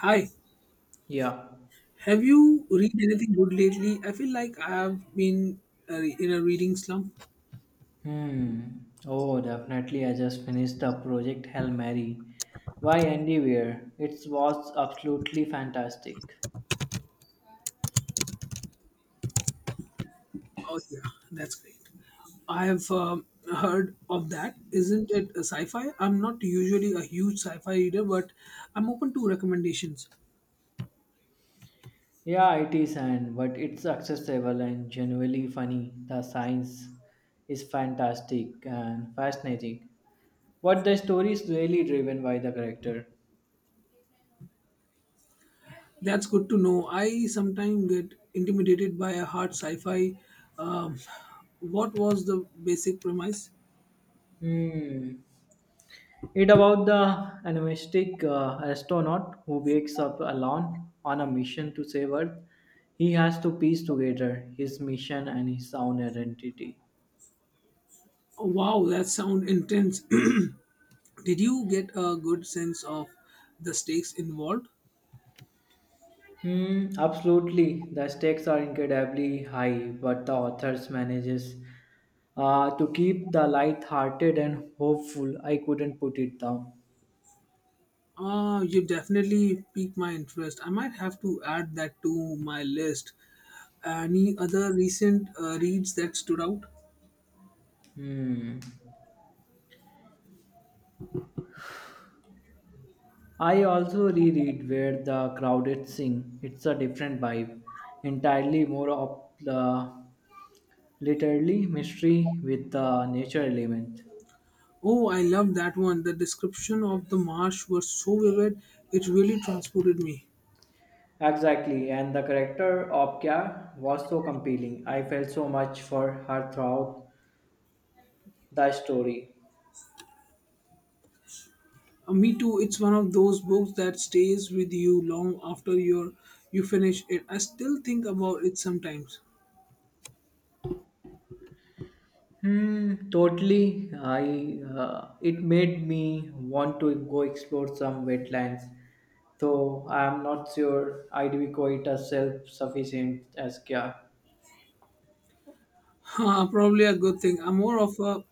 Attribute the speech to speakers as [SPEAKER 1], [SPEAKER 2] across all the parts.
[SPEAKER 1] Hi,
[SPEAKER 2] Yeah.
[SPEAKER 1] have you read anything good lately? I feel like I have been in a reading slump.
[SPEAKER 2] Hmm. Oh, definitely. I just finished the Project Hail Mary. Why anywhere? It was absolutely fantastic.
[SPEAKER 1] Oh, yeah, that's great. I have heard of that. Isn't it a sci-fi? I'm not usually a huge sci-fi reader, but I'm open to recommendations.
[SPEAKER 2] Yeah, it is, and but it's accessible and genuinely funny. The science is fantastic and fascinating. What the story is really driven by the character.
[SPEAKER 1] That's good to know. I sometimes get intimidated by a hard sci-fi. Um, what was the basic premise?
[SPEAKER 2] Hmm. It about the animistic astronaut who wakes up alone on a mission to save Earth. He has to piece together his mission and his own identity.
[SPEAKER 1] Oh, wow, that sound intense. Did you get a good sense of the stakes involved?
[SPEAKER 2] Hmm, absolutely. The stakes are incredibly high, but the authors manages to keep the light-hearted and hopeful. I couldn't put it down.
[SPEAKER 1] You definitely piqued my interest. I might have to add that to my list. Any other recent reads that stood out?
[SPEAKER 2] Hmm. I also reread Where the Crowded Sing. It's a different vibe, entirely more up the literally mystery with the nature element.
[SPEAKER 1] Oh, I love that one. The description of the marsh was so vivid, it really transported me.
[SPEAKER 2] Exactly, and the character of Kya was so compelling. I felt so much for her throughout the story.
[SPEAKER 1] Me too. It's one of those books that stays with you long after you finish it. I still think about it sometimes.
[SPEAKER 2] Hmm, totally. I It made me want to go explore some wetlands. Though I am not sure I'd be quite as self-sufficient as Kya.
[SPEAKER 1] Probably a good thing. I'm more of a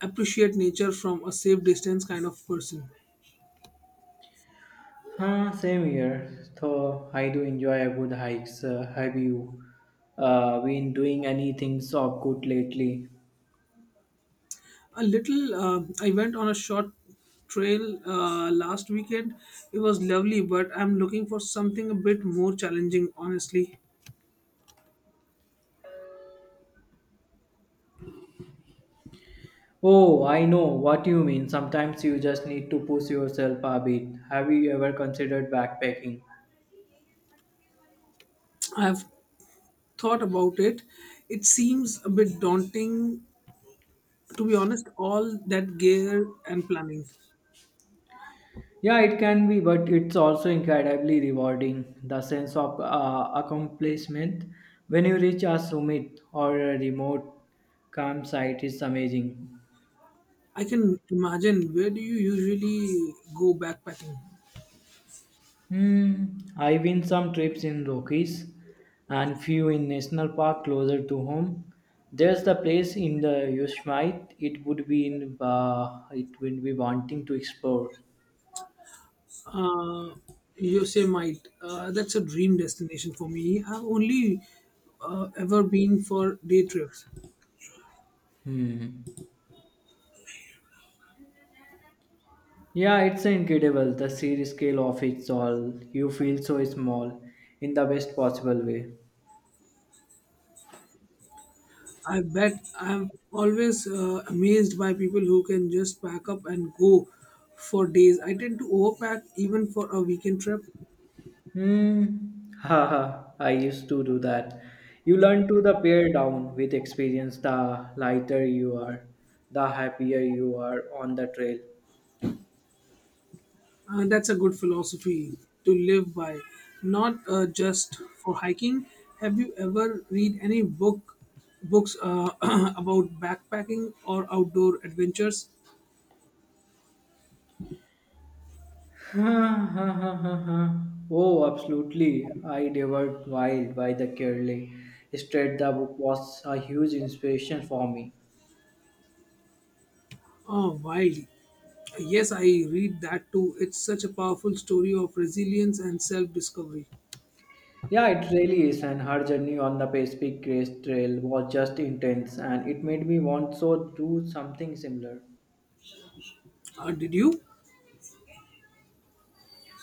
[SPEAKER 1] appreciate nature from a safe distance kind of person.
[SPEAKER 2] Huh, same here. So I do enjoy a good hikes. Have you been doing anything so good lately?
[SPEAKER 1] A little, I went on a short trail last weekend. It was lovely, but I'm looking for something a bit more challenging, honestly.
[SPEAKER 2] Oh, I know what you mean. Sometimes you just need to push yourself a bit. Have you ever considered backpacking?
[SPEAKER 1] I've thought about it. It seems a bit daunting, to be honest, all that gear and planning.
[SPEAKER 2] Yeah, it can be, but it's also incredibly rewarding. The sense of accomplishment when you reach a summit or a remote campsite is amazing.
[SPEAKER 1] I can imagine. Where do you usually go backpacking?
[SPEAKER 2] Hmm, I win some trips in Rockies and few in national park closer to home. There's the place in the Yosemite. It would be in it would be wanting to explore.
[SPEAKER 1] uh, you say might, that's a dream destination for me. I've only ever been for day trips.
[SPEAKER 2] Hmm. Yeah, it's incredible the sheer scale of it all. You feel so small in the best possible way.
[SPEAKER 1] I bet. I'm always amazed by people who can just pack up and go for days. I tend to overpack even for a weekend trip,
[SPEAKER 2] Hmm. Haha. I used to do that. You learn to the pare down with experience. The lighter you are, the happier you are on the trail.
[SPEAKER 1] and that's a good philosophy to live by, not just for hiking. Have you ever read any books about backpacking or outdoor adventures?
[SPEAKER 2] Ha ha ha ha ha. Oh, absolutely. I devoured Wild by the Curly. Straight the book was a huge inspiration for me.
[SPEAKER 1] Oh, wild. Yes, I read that too. It's such a powerful story of resilience and self discovery.
[SPEAKER 2] Yeah, it really is, and her journey on the Pacific Crest Trail was just intense, and it made me want so do something similar.
[SPEAKER 1] Did you?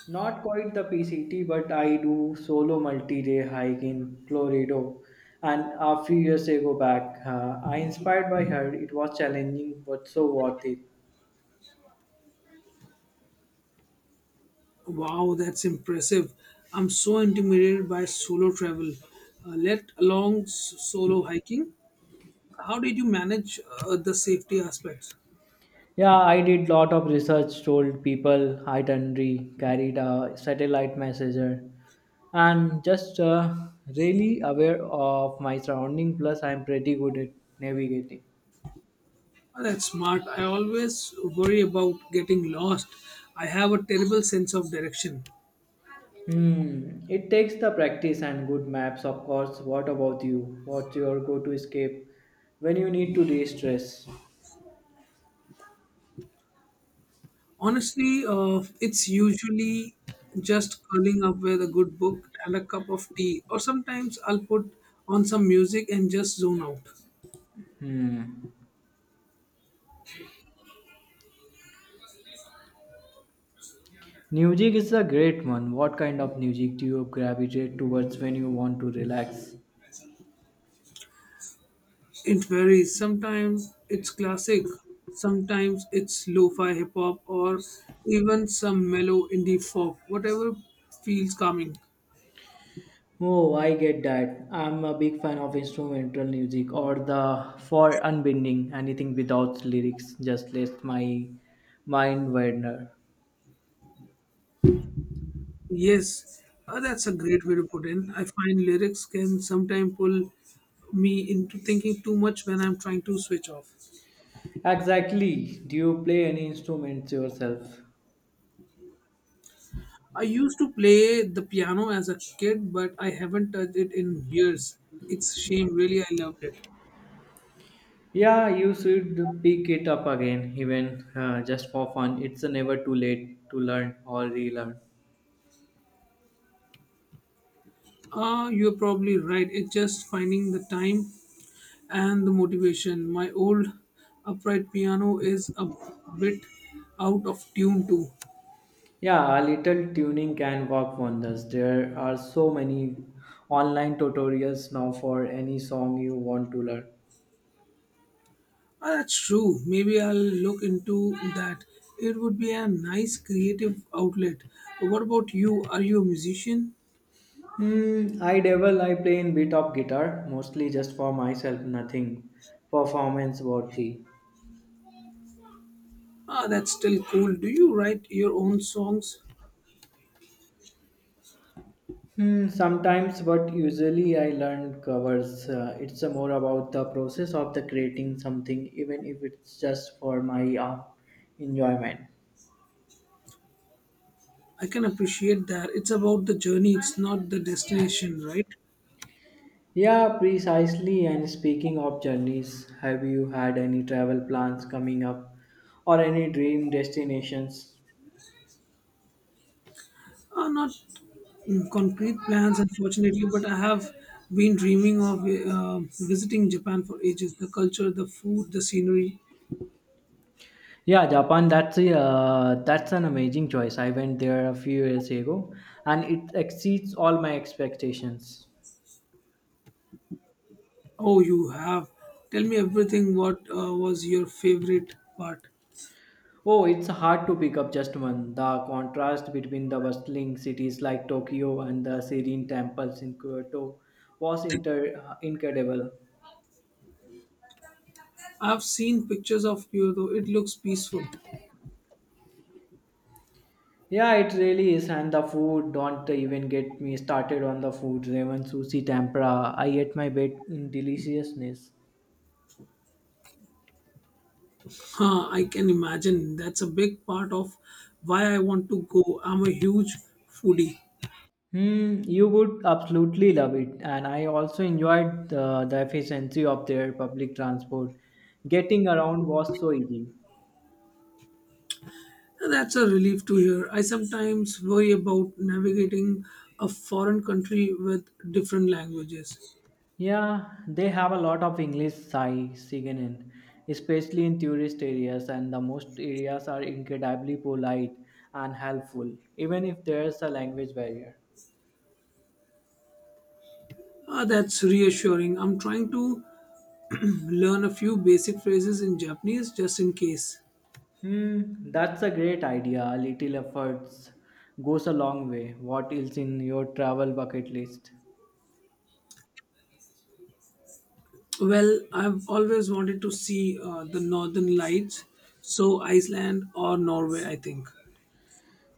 [SPEAKER 2] Not quite the PCT, but I do solo multi-day hike in Colorado, and a few years ago back, I inspired by her. It was challenging, but so worth it.
[SPEAKER 1] Wow, that's impressive. I'm so intimidated by solo travel, let alone solo hiking. How did you manage the safety aspects?
[SPEAKER 2] Yeah, I did lot of research, told people itinerary, carried a satellite messenger, and just really aware of my surrounding. Plus, I'm pretty good at navigating.
[SPEAKER 1] Oh, that's smart. I always worry about getting lost. I have a terrible sense of direction.
[SPEAKER 2] Hmm, it takes the practice and good maps, of course. What about you? What's your go-to escape when you need to de-stress?
[SPEAKER 1] Honestly, it's usually just curling up with a good book and a cup of tea, or sometimes I'll put on some music and just zone out.
[SPEAKER 2] Hmm, music is a great one. What kind of music do you gravitate towards when you want to relax?
[SPEAKER 1] It varies. Sometimes it's classic, sometimes it's lo-fi hip hop, or even some mellow indie folk. Whatever feels calming.
[SPEAKER 2] Oh, I get that. I'm a big fan of instrumental music or the for unbinding anything without lyrics. Just lets my mind wander.
[SPEAKER 1] Yes, that's a great way to put in. I find lyrics can sometimes pull me into thinking too much when I'm trying to switch off.
[SPEAKER 2] Exactly. Do you play any instruments yourself?
[SPEAKER 1] I used to play the piano as a kid, but I haven't touched it in years. It's a shame. Really, I loved it.
[SPEAKER 2] Yeah, you should pick it up again, even just for fun. It's never too late to learn or relearn.
[SPEAKER 1] Ah, you're probably right. It's just finding the time and the motivation. My old upright piano is a bit out of tune too.
[SPEAKER 2] Yeah, a little tuning can work wonders. There are so many online tutorials now for any song you want to learn.
[SPEAKER 1] Ah, that's true. Maybe I'll look into that. It would be a nice creative outlet. What about you? Are you a musician?
[SPEAKER 2] Hmm, I dabble, I play in bit of guitar, mostly just for myself, nothing performance worthy.
[SPEAKER 1] Ah, that's still cool. Do you write your own songs?
[SPEAKER 2] Hmm, sometimes, but usually I learn covers. It's more about the process of the creating something, even if it's just for my enjoyment.
[SPEAKER 1] I can appreciate that. It's about the journey, it's not the destination, right?
[SPEAKER 2] Yeah, precisely. And speaking of journeys, have you had any travel plans coming up, or any dream destinations?
[SPEAKER 1] Not concrete plans, unfortunately, but I have been dreaming of visiting Japan for ages. The culture, the food, the scenery.
[SPEAKER 2] Yeah, Japan. That's an amazing choice. I went there a few years ago, and it exceeds all my expectations.
[SPEAKER 1] Oh, you have. Tell me everything. What was your favorite part?
[SPEAKER 2] Oh, it's hard to pick up just one. The contrast between the bustling cities like Tokyo and the serene temples in Kyoto was incredible.
[SPEAKER 1] I've seen pictures of Kyoto. It looks peaceful.
[SPEAKER 2] Yeah, it really is. And the food, don't even get me started on the food. Ramen, sushi, tempura. I ate my bed in deliciousness.
[SPEAKER 1] Huh, I can imagine. That's a big part of why I want to go. I'm a huge foodie.
[SPEAKER 2] Hmm, you would absolutely love it. And I also enjoyed the efficiency of their public transport. Getting around was so easy.
[SPEAKER 1] Now, that's a relief to hear. I sometimes worry about navigating a foreign country with different languages.
[SPEAKER 2] Yeah, they have a lot of English Sai Siganin, especially in tourist areas, and the most areas are incredibly polite and helpful, even if there's a language barrier.
[SPEAKER 1] Ah, that's reassuring. I'm trying to learn a few basic phrases in Japanese just in case.
[SPEAKER 2] Hmm, that's a great idea. A little efforts goes a long way. What is in your travel bucket list?
[SPEAKER 1] Well, I've always wanted to see the northern lights, so Iceland or Norway, I think.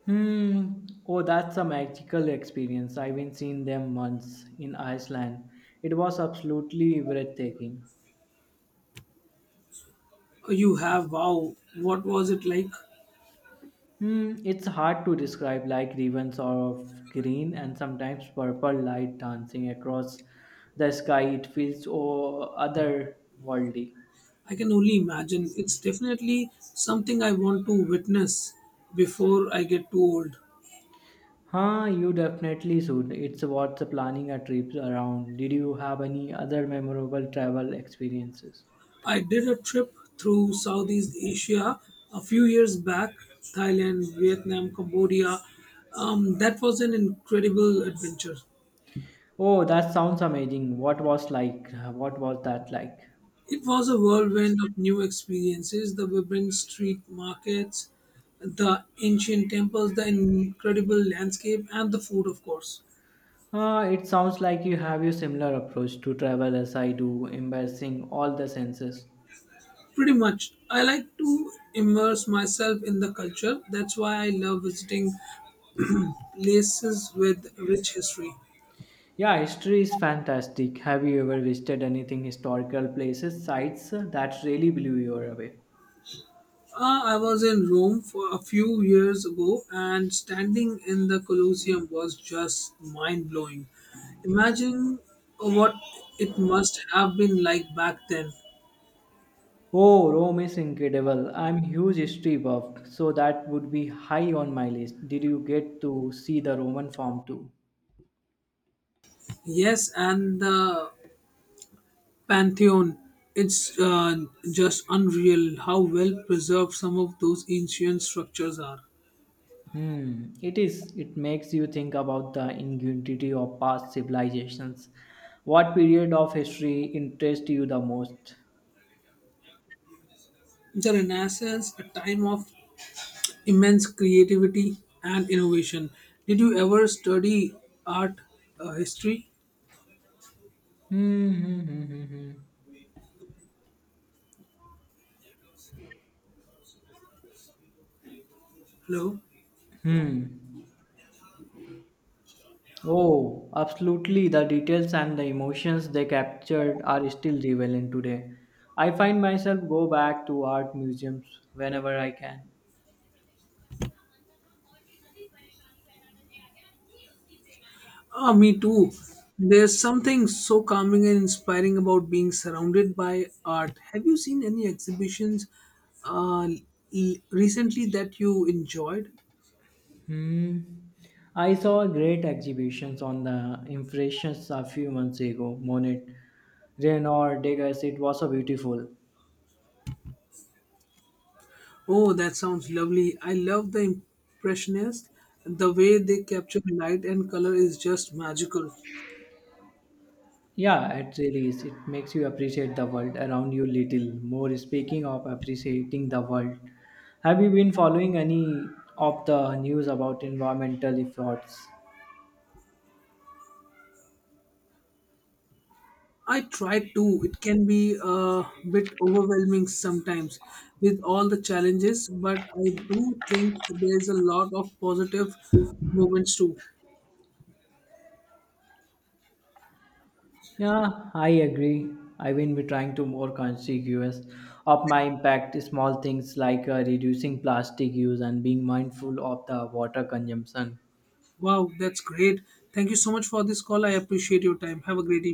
[SPEAKER 2] Hmm. Oh, that's a magical experience. I've been seen them once in Iceland. It was absolutely breathtaking.
[SPEAKER 1] Oh, you have, wow, what was it like?
[SPEAKER 2] Hmm, it's hard to describe like ribbons of green and sometimes purple light dancing across the sky. It feels oh, otherworldly.
[SPEAKER 1] I can only imagine. It's definitely something I want to witness before I get too old.
[SPEAKER 2] Huh, you definitely should. It's worth planning a trip around. Did you have any other memorable travel experiences?
[SPEAKER 1] I did a trip through Southeast Asia a few years back, Thailand, Vietnam, Cambodia. That was an incredible adventure.
[SPEAKER 2] Oh, that sounds amazing. What was like? What was that like?
[SPEAKER 1] It was a whirlwind of new experiences, the vibrant street markets, the ancient temples, the incredible landscape, and the food, of course.
[SPEAKER 2] It sounds like you have a similar approach to travel as I do, embracing all the senses.
[SPEAKER 1] Pretty much. I like to immerse myself in the culture. That's why I love visiting places with rich history.
[SPEAKER 2] Yeah, history is fantastic. Have you ever visited anything historical places, sites that really blew you away?
[SPEAKER 1] I was in Rome for a few years ago, and standing in the Colosseum was just mind blowing. Imagine what it must have been like back then.
[SPEAKER 2] Oh, Rome is incredible. I'm huge history buff, so that would be high on my list. Did you get to see the Roman Forum too?
[SPEAKER 1] Yes, and the Pantheon. It's just unreal how well preserved some of those ancient structures are.
[SPEAKER 2] Hmm, it is. It makes you think about the ingenuity of past civilizations. What period of history interests you the most?
[SPEAKER 1] The Renaissance, a time of immense creativity and innovation. Did you ever study art history?
[SPEAKER 2] Hmm. hmm, hmm, hmm, hmm.
[SPEAKER 1] Hello?
[SPEAKER 2] Hmm. Oh, absolutely. The details and the emotions they captured are still relevant today. I find myself go back to art museums whenever I can.
[SPEAKER 1] Ah, me too. There's something so calming and inspiring about being surrounded by art. Have you seen any exhibitions uh, recently that you enjoyed?
[SPEAKER 2] Hmm. I saw great exhibitions on the impressions a few months ago. Monet, Renoir, Degas. It was so beautiful.
[SPEAKER 1] Oh, that sounds lovely. I love the Impressionists. The way they capture light and color is just magical.
[SPEAKER 2] Yeah, it really is. It makes you appreciate the world around you little more. Speaking of appreciating the world, have you been following any of the news about environmental efforts?
[SPEAKER 1] I try to. It can be a bit overwhelming sometimes with all the challenges, but I do think there's a lot of positive moments too.
[SPEAKER 2] Yeah, I agree. I will be trying to more conscious of my impact. Small things like reducing plastic use and being mindful of the water consumption
[SPEAKER 1] Wow, that's great. Thank you so much for this call. I appreciate your time. Have a great evening.